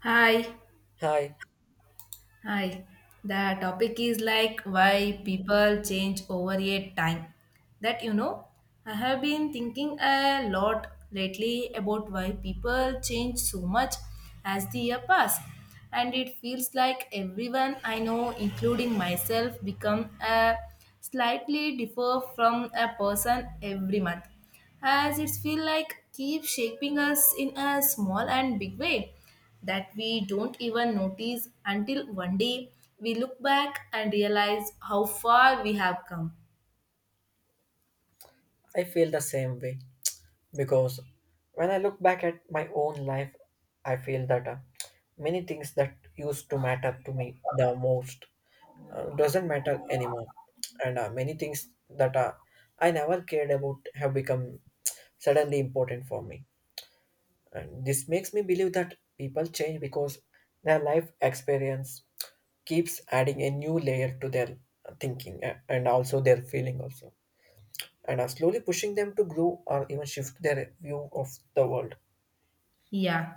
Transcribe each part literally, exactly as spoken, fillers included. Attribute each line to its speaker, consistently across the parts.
Speaker 1: Hi,
Speaker 2: Hi,
Speaker 1: hi. The topic is like why people change over a time. That you know, I have been thinking a lot lately about why people change so much as the year pass. And it feels like everyone I know, including myself, become a slightly differ from a person every month as it feel like keeps shaping us in a small and big way that we don't even notice until one day we look back and realize how far we have come.
Speaker 2: I feel the same way because when I look back at my own life, I feel that uh, many things that used to matter to me the most uh, doesn't matter anymore, and uh, many things that uh, I never cared about have become suddenly important for me. And this makes me believe that people change because their life experience keeps adding a new layer to their thinking uh, and also their feeling also, and are slowly pushing them to grow or even shift their view of the world.
Speaker 1: Yeah,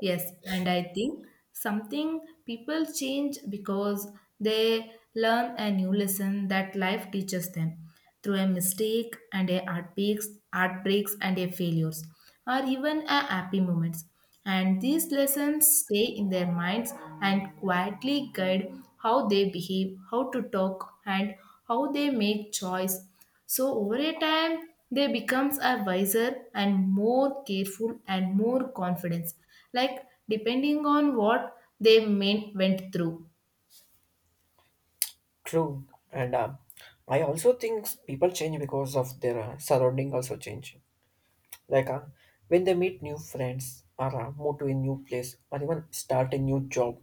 Speaker 1: yes, and I think something people change because they learn a new lesson that life teaches them through a mistake and a heartbreaks, heartbreaks and a failures, or even a happy moments. And these lessons stay in their minds and quietly guide how they behave, how to talk, and how they make choice. So over a time, they becomes a wiser and more careful and more confidence. Like depending on what they meant, went through.
Speaker 2: True, and uh, I also think people change because of their uh, surrounding also change. Like uh, when they meet new friends or uh, move to a new place or even start a new job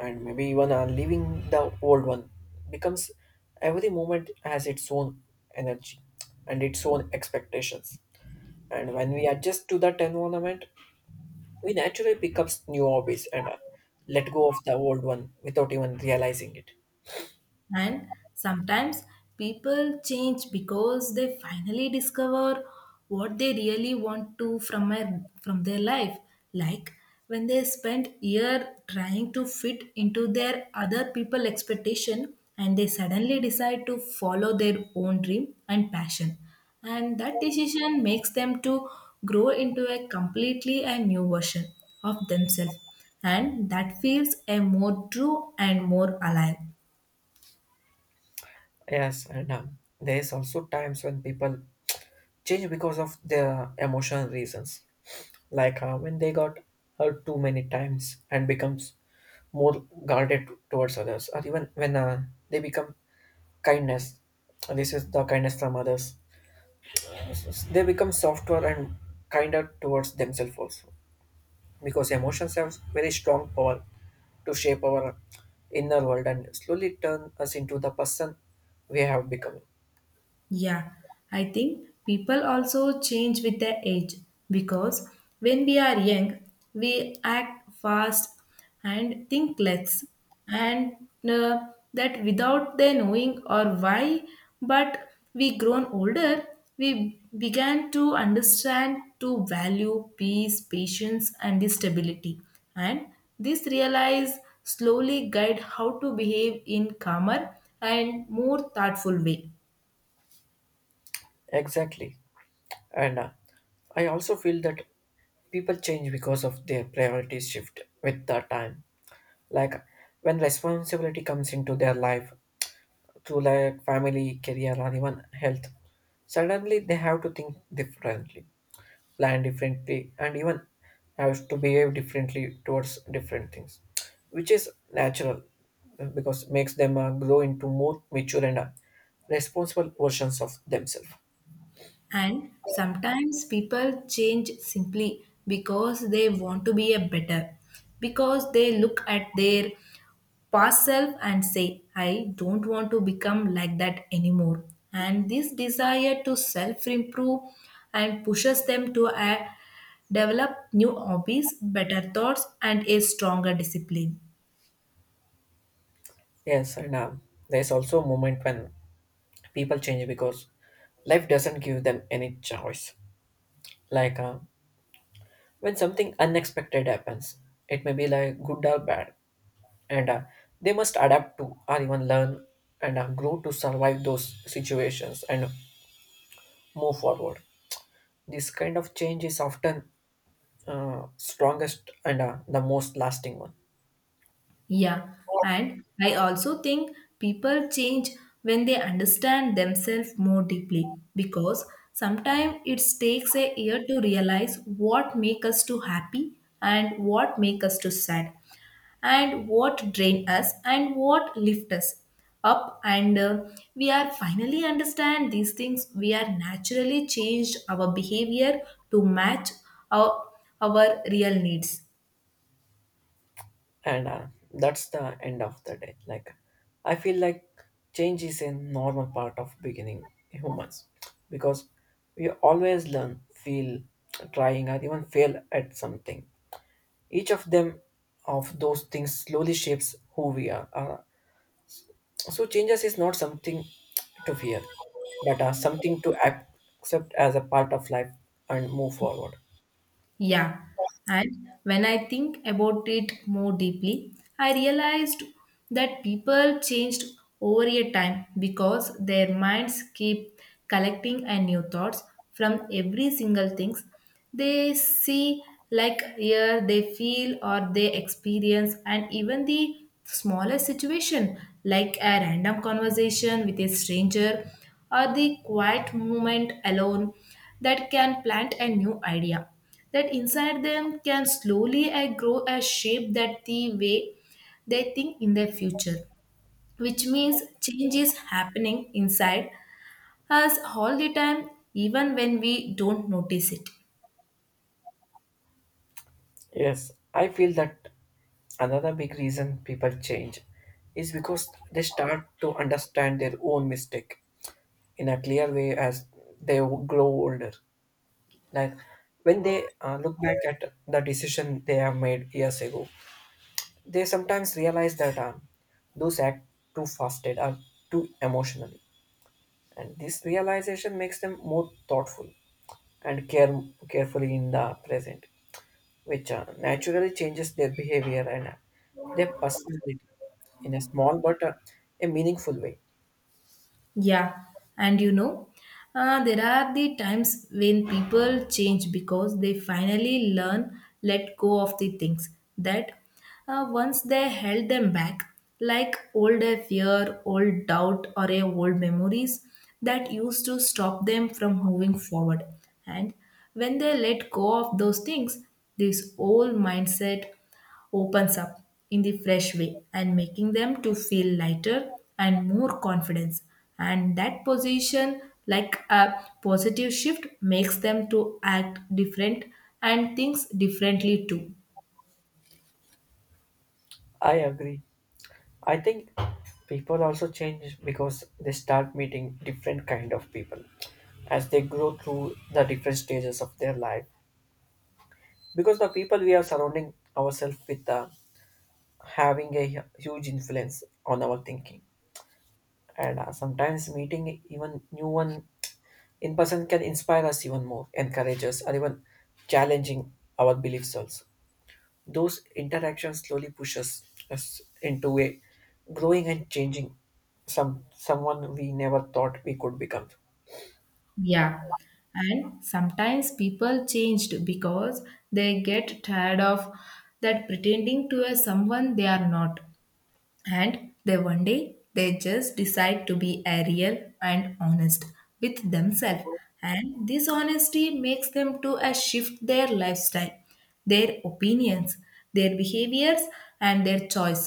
Speaker 2: and maybe even uh, leaving the old one becomes every moment has its own energy and its own expectations. And when we adjust to that environment, we naturally pick up new hobbies and uh, let go of the old one without even realizing it.
Speaker 1: And sometimes people change because they finally discover what they really want to from a, from their life. Like when they spend year trying to fit into their other people expectation and they suddenly decide to follow their own dream and passion. And that decision makes them to grow into a completely a new version of themselves and that feels a more true and more alive.
Speaker 2: Yes, and um, there is also times when people change because of their emotional reasons, like uh, when they got hurt too many times and becomes more guarded towards others, or even when uh, they become kindness. This is the kindness from others. They become softer and kinder towards themselves also, because emotions have very strong power to shape our inner world and slowly turn us into the person we have become.
Speaker 1: Yeah, I think people also change with their age because when we are young, we act fast and think less, and uh, that without their knowing or why. But we grown older, we began to understand to value peace, patience, and the stability, and this realize slowly guide how to behave in calmer and more thoughtful way.
Speaker 2: Exactly. And uh, I also feel that people change because of their priorities shift with the time. Like when responsibility comes into their life through like family, career, or even health, suddenly they have to think differently, plan differently, and even have to behave differently towards different things, which is natural uh, because makes them uh, grow into more mature and uh, responsible versions of themselves.
Speaker 1: And sometimes people change simply because they want to be a better, because they look at their past self and say, I don't want to become like that anymore. And this desire to self improve and pushes them to uh, develop new hobbies, better thoughts, and a stronger discipline.
Speaker 2: Yes, and um, there's also a moment when people change because life doesn't give them any choice. Like uh, when something unexpected happens, it may be like good or bad, and uh, they must adapt to or even learn and uh, grow to survive those situations and move forward. This kind of change is often uh, strongest and uh, the most lasting one.
Speaker 1: Yeah, and I also think people change when they understand themselves more deeply because sometimes it takes a year to realize what make us too happy and what make us too sad and what drain us and what lift us up and uh, we are finally understand these things we are naturally changed our behavior to match our, our real needs.
Speaker 2: And uh, that's the end of the day. Like, I feel like change is a normal part of beginning humans because we always learn, feel, trying, or even fail at something. Each of them of those things slowly shapes who we are. Uh, so changes is not something to fear, but uh, something to accept as a part of life and move forward.
Speaker 1: Yeah, and when I think about it more deeply, I realized that people changed over a time because their minds keep collecting and new thoughts from every single things they see, like hear, they feel, or they experience, and even the smallest situation, like a random conversation with a stranger, or the quiet moment alone, that can plant a new idea that inside them can slowly uh, grow a shape that the way they think in their future, which means change is happening inside us all the time even when we don't notice it.
Speaker 2: Yes, I feel that another big reason people change is because they start to understand their own mistake in a clear way as they grow older. Like when they uh, look back at the decision they have made years ago, they sometimes realize that uh, those act too fast or too emotionally, and this realization makes them more thoughtful and care carefully in the present, which uh, naturally changes their behavior and uh, their personality in a small but uh, a meaningful way.
Speaker 1: Yeah, and you know, uh, there are the times when people change because they finally learn let go of the things that uh, once they held them back, like old fear, old doubt, or a old memories that used to stop them from moving forward. And when they let go of those things, this old mindset opens up in the fresh way and making them to feel lighter and more confidence and that position like a positive shift makes them to act different and thinks differently too.
Speaker 2: I agree. I think people also change because they start meeting different kind of people as they grow through the different stages of their life. Because the people we are surrounding ourselves with, uh, having a hu- huge influence on our thinking, and uh, sometimes meeting even new one in person can inspire us even more, encourage us, or even challenging our beliefs also. Those interactions slowly push us, us into a growing and changing some someone we never thought we could become.
Speaker 1: Yeah, and sometimes people changed because they get tired of that pretending to a someone they are not. And they one day they just decide to be a real and honest with themselves. And this honesty makes them to a shift their lifestyle, their opinions, their behaviors, and their choice.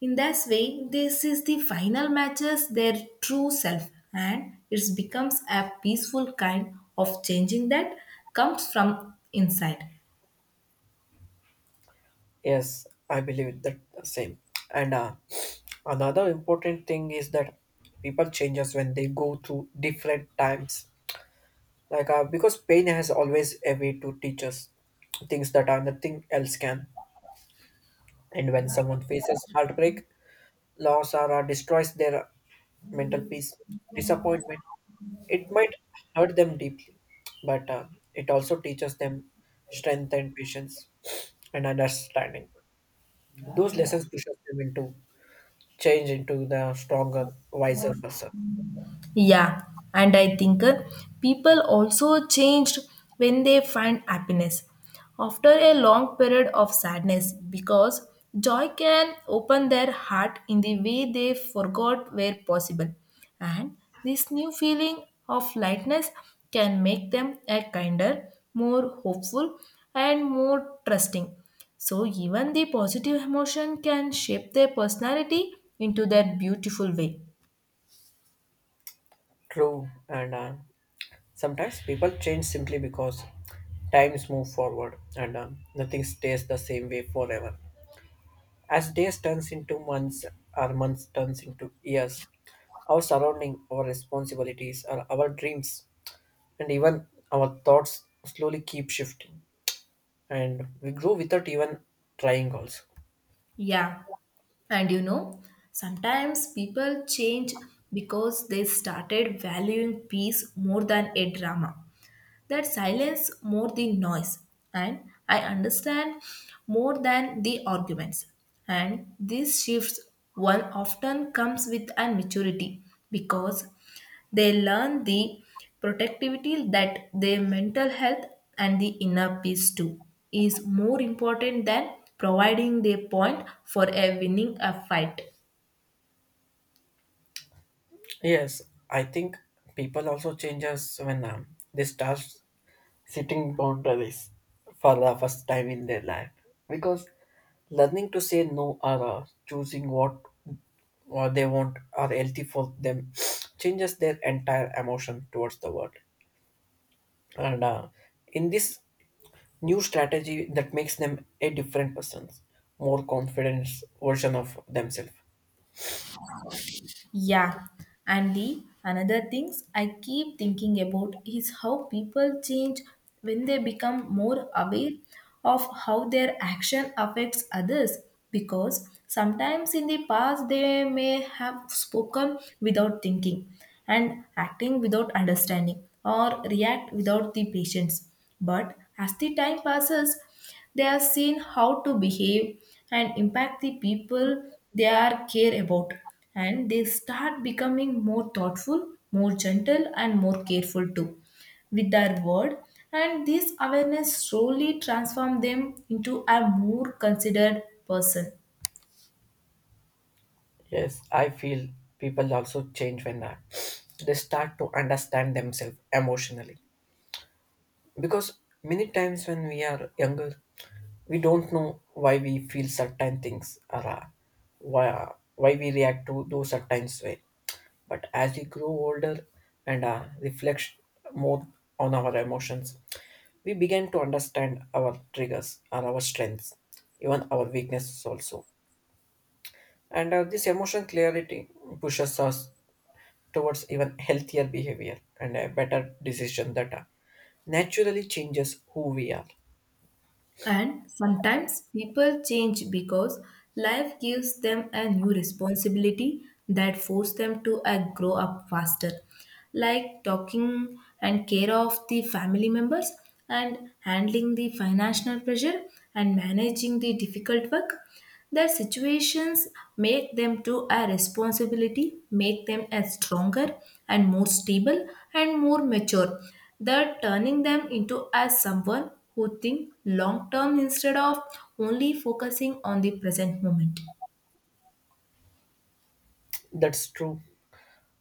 Speaker 1: In this way, this is the final matches their true self, and it becomes a peaceful kind of changing that comes from inside.
Speaker 2: Yes, I believe that same. And uh, another important thing is that people changes when they go through different times. Like uh, because pain has always a way to teach us things that are nothing else can. And when someone faces heartbreak, loss or, or destroys their mental peace, disappointment, it might hurt them deeply, but uh, it also teaches them strength and patience and understanding. Those lessons pushes them into change into the stronger, wiser person.
Speaker 1: Yeah, and I think uh, people also changed when they find happiness after a long period of sadness because joy can open their heart in the way they forgot were possible. And this new feeling of lightness can make them a kinder, more hopeful, and more trusting. So, even the positive emotion can shape their personality into their beautiful way.
Speaker 2: True, and uh, sometimes people change simply because times move forward and um, nothing stays the same way forever. As days turns into months, or months turns into years, our surrounding, our responsibilities, or our dreams, and even our thoughts slowly keep shifting, and we grow without even trying. Also,
Speaker 1: Yeah, and you know, sometimes people change because they started valuing peace more than a drama, that silence more the noise, and I understand more than the arguments, and these shifts one often comes with a maturity because they learn the protectivity that their mental health and the inner peace too is more important than providing their point for a winning a fight.
Speaker 2: yes, I think people also changes when um, they start sitting boundaries for the first time in their life, because learning to say no or uh, choosing what or they won't are healthy for them changes their entire emotion towards the world, and uh, in this new strategy that makes them a different person, more confident version of themselves.
Speaker 1: Yeah, and the another things I keep thinking about is how people change when they become more aware of how their action affects others because sometimes in the past they may have spoken without thinking and acting without understanding or react without the patience, but as the time passes they have seen how to behave and impact the people they are care about and they start becoming more thoughtful, more gentle and more careful too with their word, and this awareness slowly transforms them into a more considered person.
Speaker 2: Yes, I feel people also change when uh, they start to understand themselves emotionally, because many times when we are younger we don't know why we feel certain things or uh, why, why we react to those certain way, but as we grow older and uh, reflect more on our emotions we begin to understand our triggers and our strengths, even our weaknesses also. And uh, this emotion clarity pushes us towards even healthier behavior and a better decision that uh, naturally changes who we are.
Speaker 1: And sometimes people change because life gives them a new responsibility that force them to uh, grow up faster, like talking and care of the family members and handling the financial pressure and managing the difficult work. Their situations make them to a responsibility, make them as stronger and more stable and more mature. They're turning them into as someone who think long term instead of only focusing on the present moment.
Speaker 2: That's true.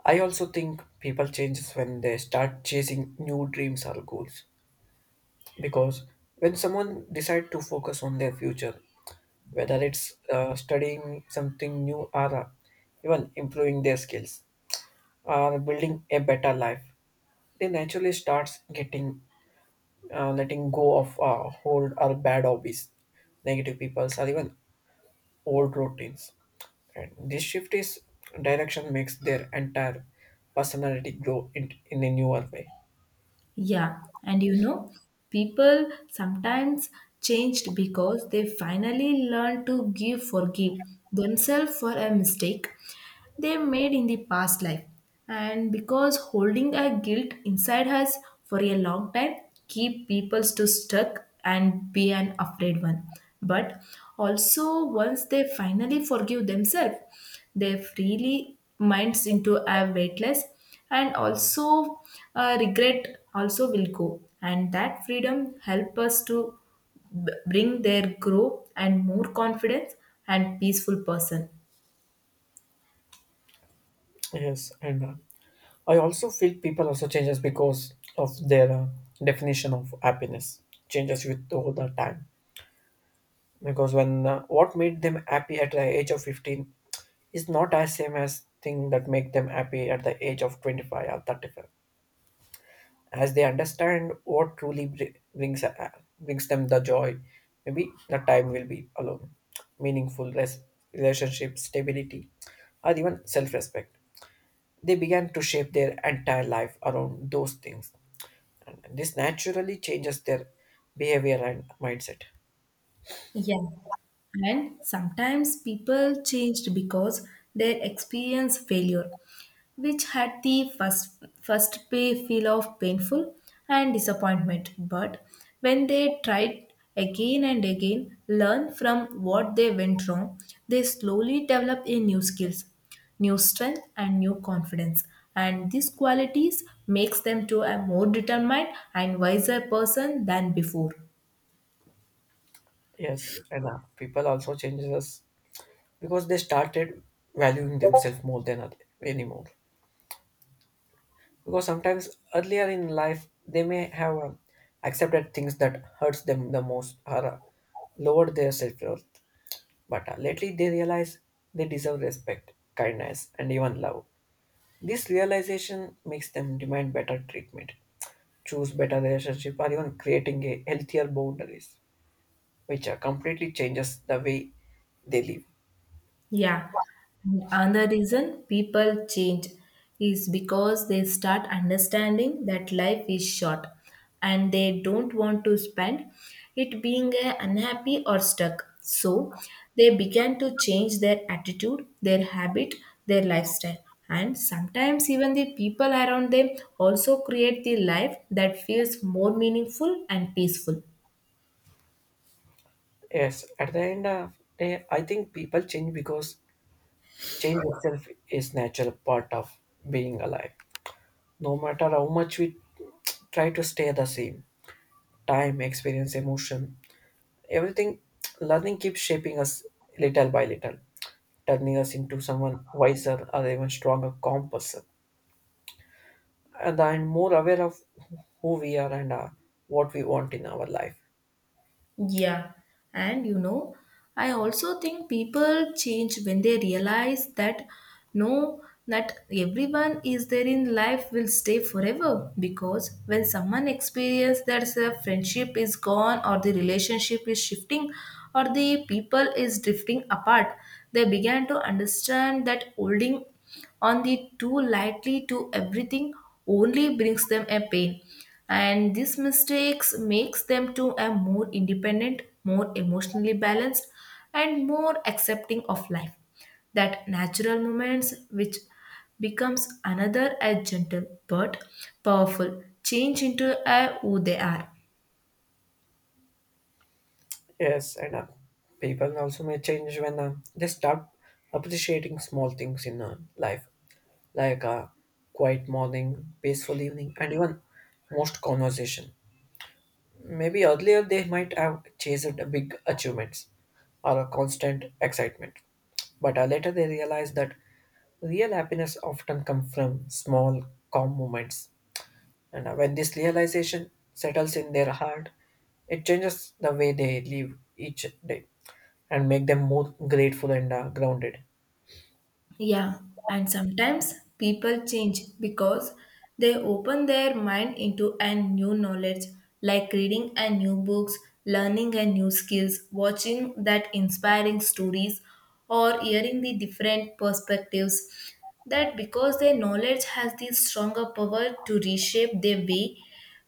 Speaker 2: I also think people changes when they start chasing new dreams or goals, because when someone decide to focus on their future, whether it's uh, studying something new or uh, even improving their skills or building a better life, they naturally starts getting uh, letting go of uh, old or bad hobbies, negative peoples, or even old routines. And this shift is direction makes their entire personality grow in, in a newer way.
Speaker 1: Yeah, and you know, people sometimes changed because they finally learned to give forgive themselves for a mistake they made in the past life. And because holding a guilt inside us for a long time keep people to stuck and be an afraid one. But also once they finally forgive themselves, their freely minds into a weightless and also uh, regret also will go and that freedom help us to b- bring their grow and more confidence and peaceful person.
Speaker 2: Yes, and uh, I also feel people also changes because of their uh, definition of happiness changes with all the time. Because when uh, what made them happy at the age of fifteen is not as same as thing that make them happy at the age of twenty five or thirty five, as they understand what truly br- brings uh, brings them the joy. Maybe the time will be alone, meaningful res- relationship, stability, or even self-respect. They began to shape their entire life around those things, and this naturally changes their behavior and mindset.
Speaker 1: Yeah. And sometimes people changed because they experienced failure, which had the first first pay feel of painful and disappointment. But when they tried again and again, learn from what they went wrong, they slowly develop a new skills, new strength and new confidence. And these qualities makes them to a more determined and wiser person than before.
Speaker 2: Yes, and uh, people also changes us because they started valuing themselves more than other anymore, because sometimes earlier in life they may have um, accepted things that hurts them the most or uh, lowered their self-worth, but uh, lately they realize they deserve respect, kindness, and even love. This realization makes them demand better treatment, choose better relationship, or even creating a healthier boundaries, which uh, completely changes the way they live.
Speaker 1: Yeah. Another reason people change is because they start understanding that life is short and they don't want to spend it being uh, unhappy or stuck. So they began to change their attitude, their habit, their lifestyle. And sometimes even the people around them also create the life that feels more meaningful and peaceful.
Speaker 2: Yes, at the end of day I think people change because change itself is natural part of being alive. No matter how much we try to stay the same, time, experience, emotion, everything, learning keeps shaping us little by little, turning us into someone wiser or even stronger calm person, and I'm more aware of who we are and uh, what we want in our life.
Speaker 1: Yeah, and you know, I also think people change when they realize that no, that everyone is there in life will stay forever because when someone experiences that the friendship is gone or the relationship is shifting or the people is drifting apart, they began to understand that holding on the too lightly to everything only brings them a pain and these mistakes makes them to a more independent more emotionally balanced and more accepting of life that natural moments which becomes another a gentle but powerful change into a who they are.
Speaker 2: Yes, and uh, people also may change when uh, they start appreciating small things in uh, life, like a quiet morning, peaceful evening, and even most conversation. Maybe earlier they might have chased big achievements or a constant excitement, but uh, later they realized that real happiness often comes from small, calm moments. And uh, when this realization settles in their heart, it changes the way they live each day and make them more grateful and uh, grounded.
Speaker 1: Yeah, and sometimes people change because they open their mind into a new knowledge, like reading a new books, learning a new skills, watching that inspiring stories, or hearing the different perspectives. That because their knowledge has the stronger power to reshape their way.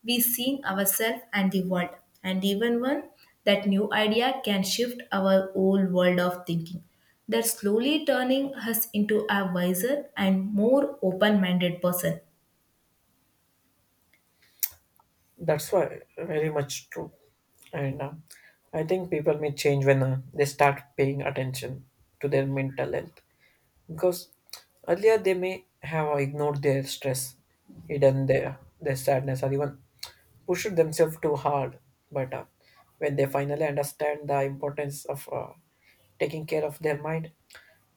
Speaker 1: We've seen ourselves and the world, and even when that new idea can shift our old world of thinking. That's slowly turning us into a wiser and more open minded person.
Speaker 2: That's why very much true. And uh, I think people may change when uh, they start paying attention to their mental health, because earlier they may have ignored their stress, hidden their, their sadness, or even pushed themselves too hard. But uh, when they finally understand the importance of uh, taking care of their mind,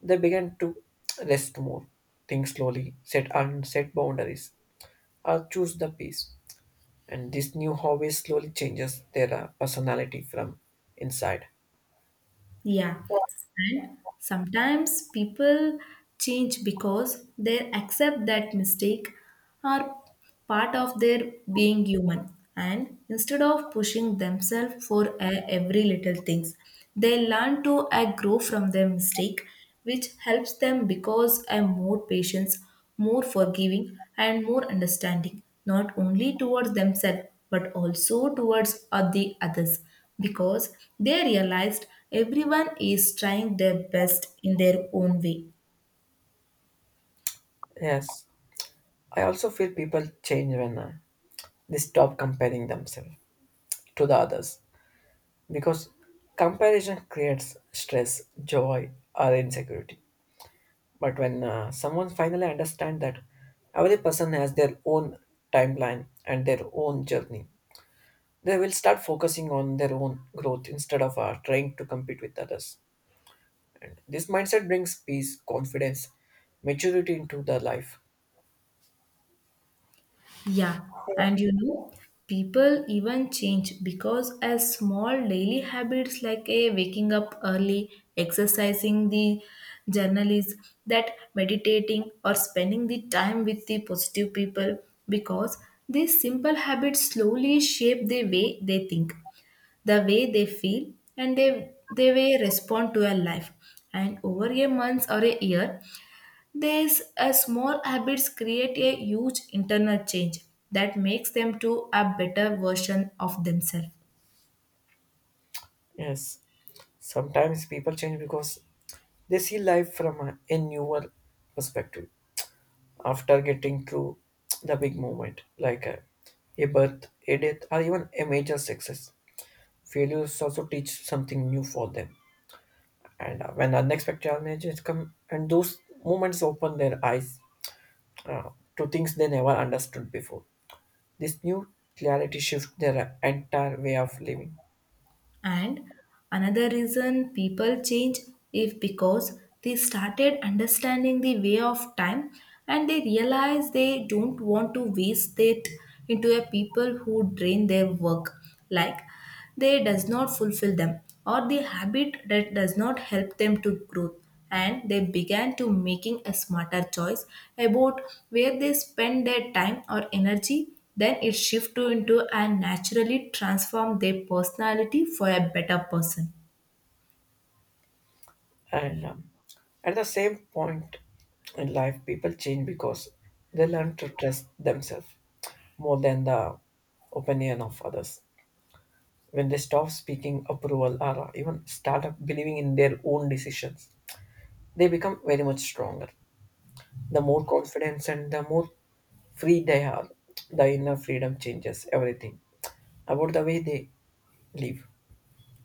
Speaker 2: they began to rest more, think slowly, set unset boundaries, or choose the peace. And this new hobby slowly changes their uh, personality from inside.
Speaker 1: Yeah. And sometimes people change because they accept that mistake are part of their being human and instead of pushing themselves for uh, every little things they learn to uh, grow from their mistake which helps them because a more patience more forgiving, and more understanding, not only towards themselves but also towards oth- the others, because they realized everyone is trying their best in their own way.
Speaker 2: Yes, I also feel people change when uh, they stop comparing themselves to the others, because comparison creates stress, joy, or insecurity. But when uh, someone finally understands that every person has their own timeline and their own journey, they will start focusing on their own growth instead of uh, trying to compete with others. And this mindset brings peace, confidence, maturity into the life.
Speaker 1: Yeah, and you know, people even change because as small daily habits like a waking up early, exercising the journal is that meditating or spending the time with the positive people because these simple habits slowly shape the way they think, the way they feel, and they they way respond to a life. And over a month or a year, these uh, small habits create a huge internal change that makes them to a better version of themselves.
Speaker 2: Yes, sometimes people change because they see life from a, a newer perspective after getting through the big moment like a, a birth, a death, or even a major success. Failures also teach something new for them. And uh, when unexpected challenges come, and those moments open their eyes uh, to things they never understood before. This new clarity shifts their entire way of living.
Speaker 1: And another reason people change is because they started understanding the way of time and they realize they don't want to waste it into a people who drain their work like they does not fulfill them or the habit that does not help them to grow and they began to making a smarter choice about where they spend their time or energy then it shift to into and naturally transform their personality for a better person.
Speaker 2: And um, at the same point in life, people change because they learn to trust themselves more than the opinion of others. When they stop speaking approval or even start up believing in their own decisions, they become very much stronger. The more confidence and the more free they are, the inner freedom changes everything about the way they live.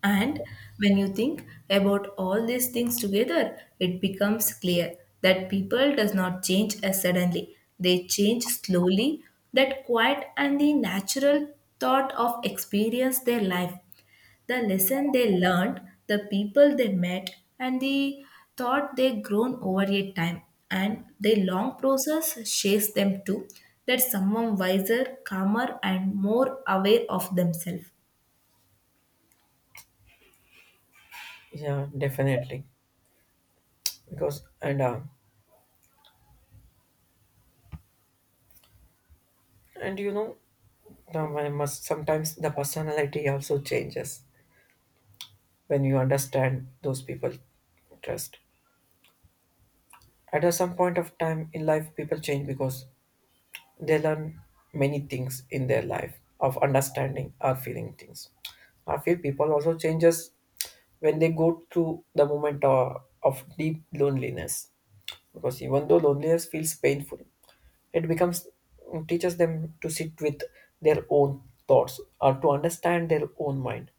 Speaker 1: And when you think about all these things together, it becomes clear that people does not change as suddenly. They change slowly, that quiet and the natural thought of experience their life, the lesson they learned, the people they met, and the thought they grown over a time. And the long process shapes them too, that someone wiser, calmer, and more aware of themselves.
Speaker 2: Yeah, definitely. Because and uh, and you know, the, One must sometimes the personality also changes when you understand those people trust. At a some point of time in life, people change because they learn many things in their life of understanding or feeling things. I feel people also changes when they go through the moment uh, of deep loneliness, because even though loneliness feels painful, it becomes teaches them to sit with their own thoughts or to understand their own mind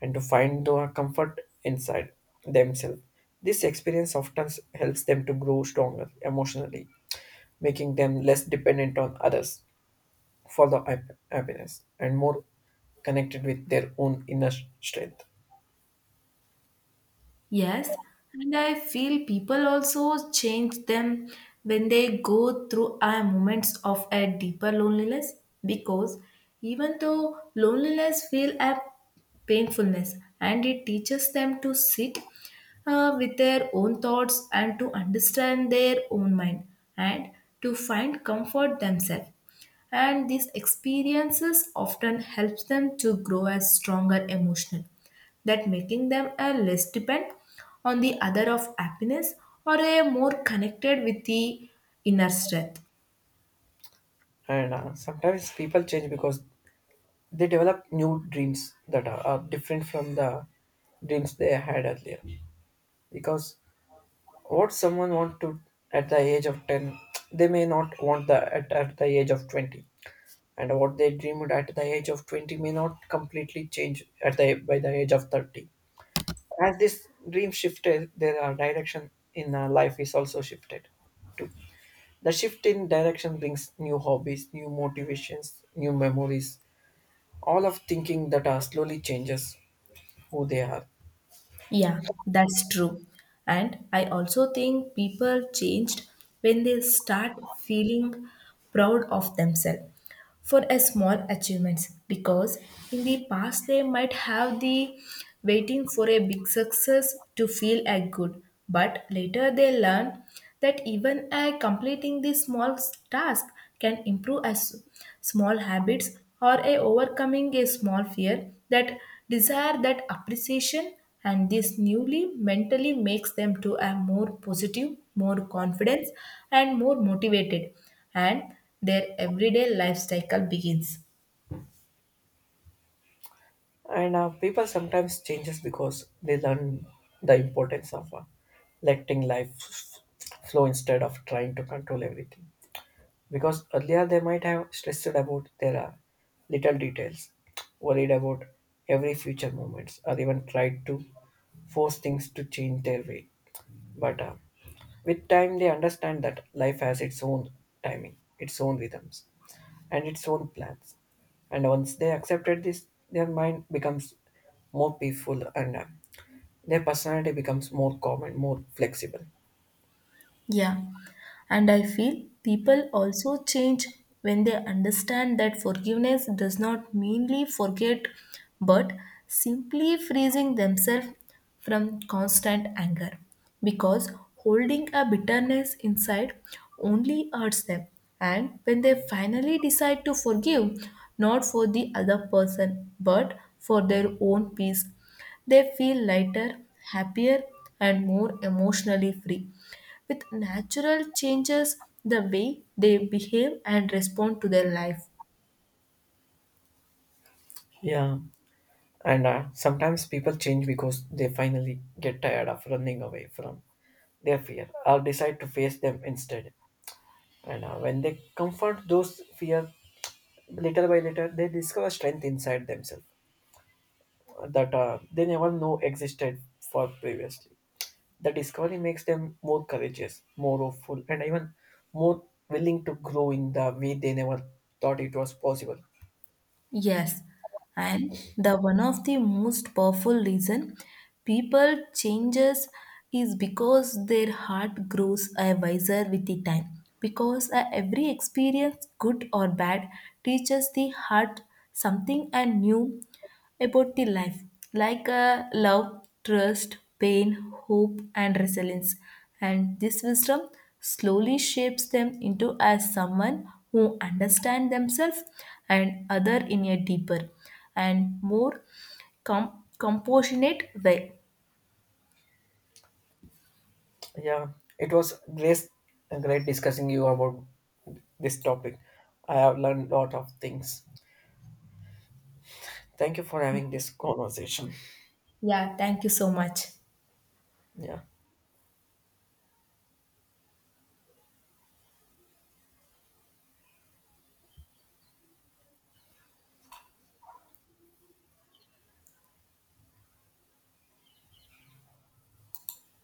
Speaker 2: and to find the comfort inside themselves. This experience often helps them to grow stronger emotionally, making them less dependent on others for the hap- happiness and more connected with their own inner strength.
Speaker 1: Yes, and I feel people also change them when they go through a moments of a deeper loneliness because even though loneliness feel a painfulness and it teaches them to sit uh, with their own thoughts and to understand their own mind and to find comfort themselves and these experiences often helps them to grow as stronger emotional that making them a less depend on the other of happiness or a more connected with the inner strength.
Speaker 2: And uh, sometimes people change because they develop new dreams that are, are different from the dreams they had earlier. Because what someone want to at the age of ten, they may not want the at, at the age of twenty, and what they dreamed at the age of twenty may not completely change at the by the age of thirty, as this dream shifted their uh, direction in uh, life is also shifted too. The shift in direction brings new hobbies, new motivations, new memories, all of thinking that are slowly changes who they are.
Speaker 1: Yeah, that's true. And I also think people changed when they start feeling proud of themselves for a small achievements because in the past they might have the waiting for a big success to feel a good but later they learn that even a completing this small task can improve us small habits or a overcoming a small fear that desire that appreciation and this newly mentally makes them to a more positive more confident and more motivated and their everyday life cycle begins.
Speaker 2: And uh, people sometimes changes because they learn the importance of uh, letting life f- flow instead of trying to control everything, because earlier they might have stressed about their uh, little details, worried about every future moments, or even tried to force things to change their way. But uh, with time, they understand that life has its own timing, its own rhythms, and its own plans. And once they accepted this, their mind becomes more peaceful and uh, their personality becomes more calm and more flexible.
Speaker 1: Yeah, and I feel people also change when they understand that forgiveness does not meanly forget but simply freezing themselves from constant anger because holding a bitterness inside only hurts them. And when they finally decide to forgive, not for the other person but for their own peace, they feel lighter, happier, and more emotionally free with natural changes the way they behave and respond to their life.
Speaker 2: Yeah. And uh, sometimes people change because they finally get tired of running away from their fear or decide to face them instead. And uh, when they comfort those fear little by little, they discover strength inside themselves that uh, they never know existed for previously. The discovery makes them more courageous, more hopeful, and even more willing to grow in the way they never thought it was possible.
Speaker 1: Yes, and the one of the most powerful reason people changes is because their heart grows a wiser with the time because uh, every experience good or bad teaches the heart something and new about the life, like uh, love trust pain hope and resilience and this wisdom slowly shapes them into as someone who understand themselves and other in a deeper and more com- compassionate way.
Speaker 2: Yeah, it was great, great discussing you about this topic. I have learned a lot of things. Thank you for having this conversation.
Speaker 1: Yeah, thank you so much.
Speaker 2: Yeah.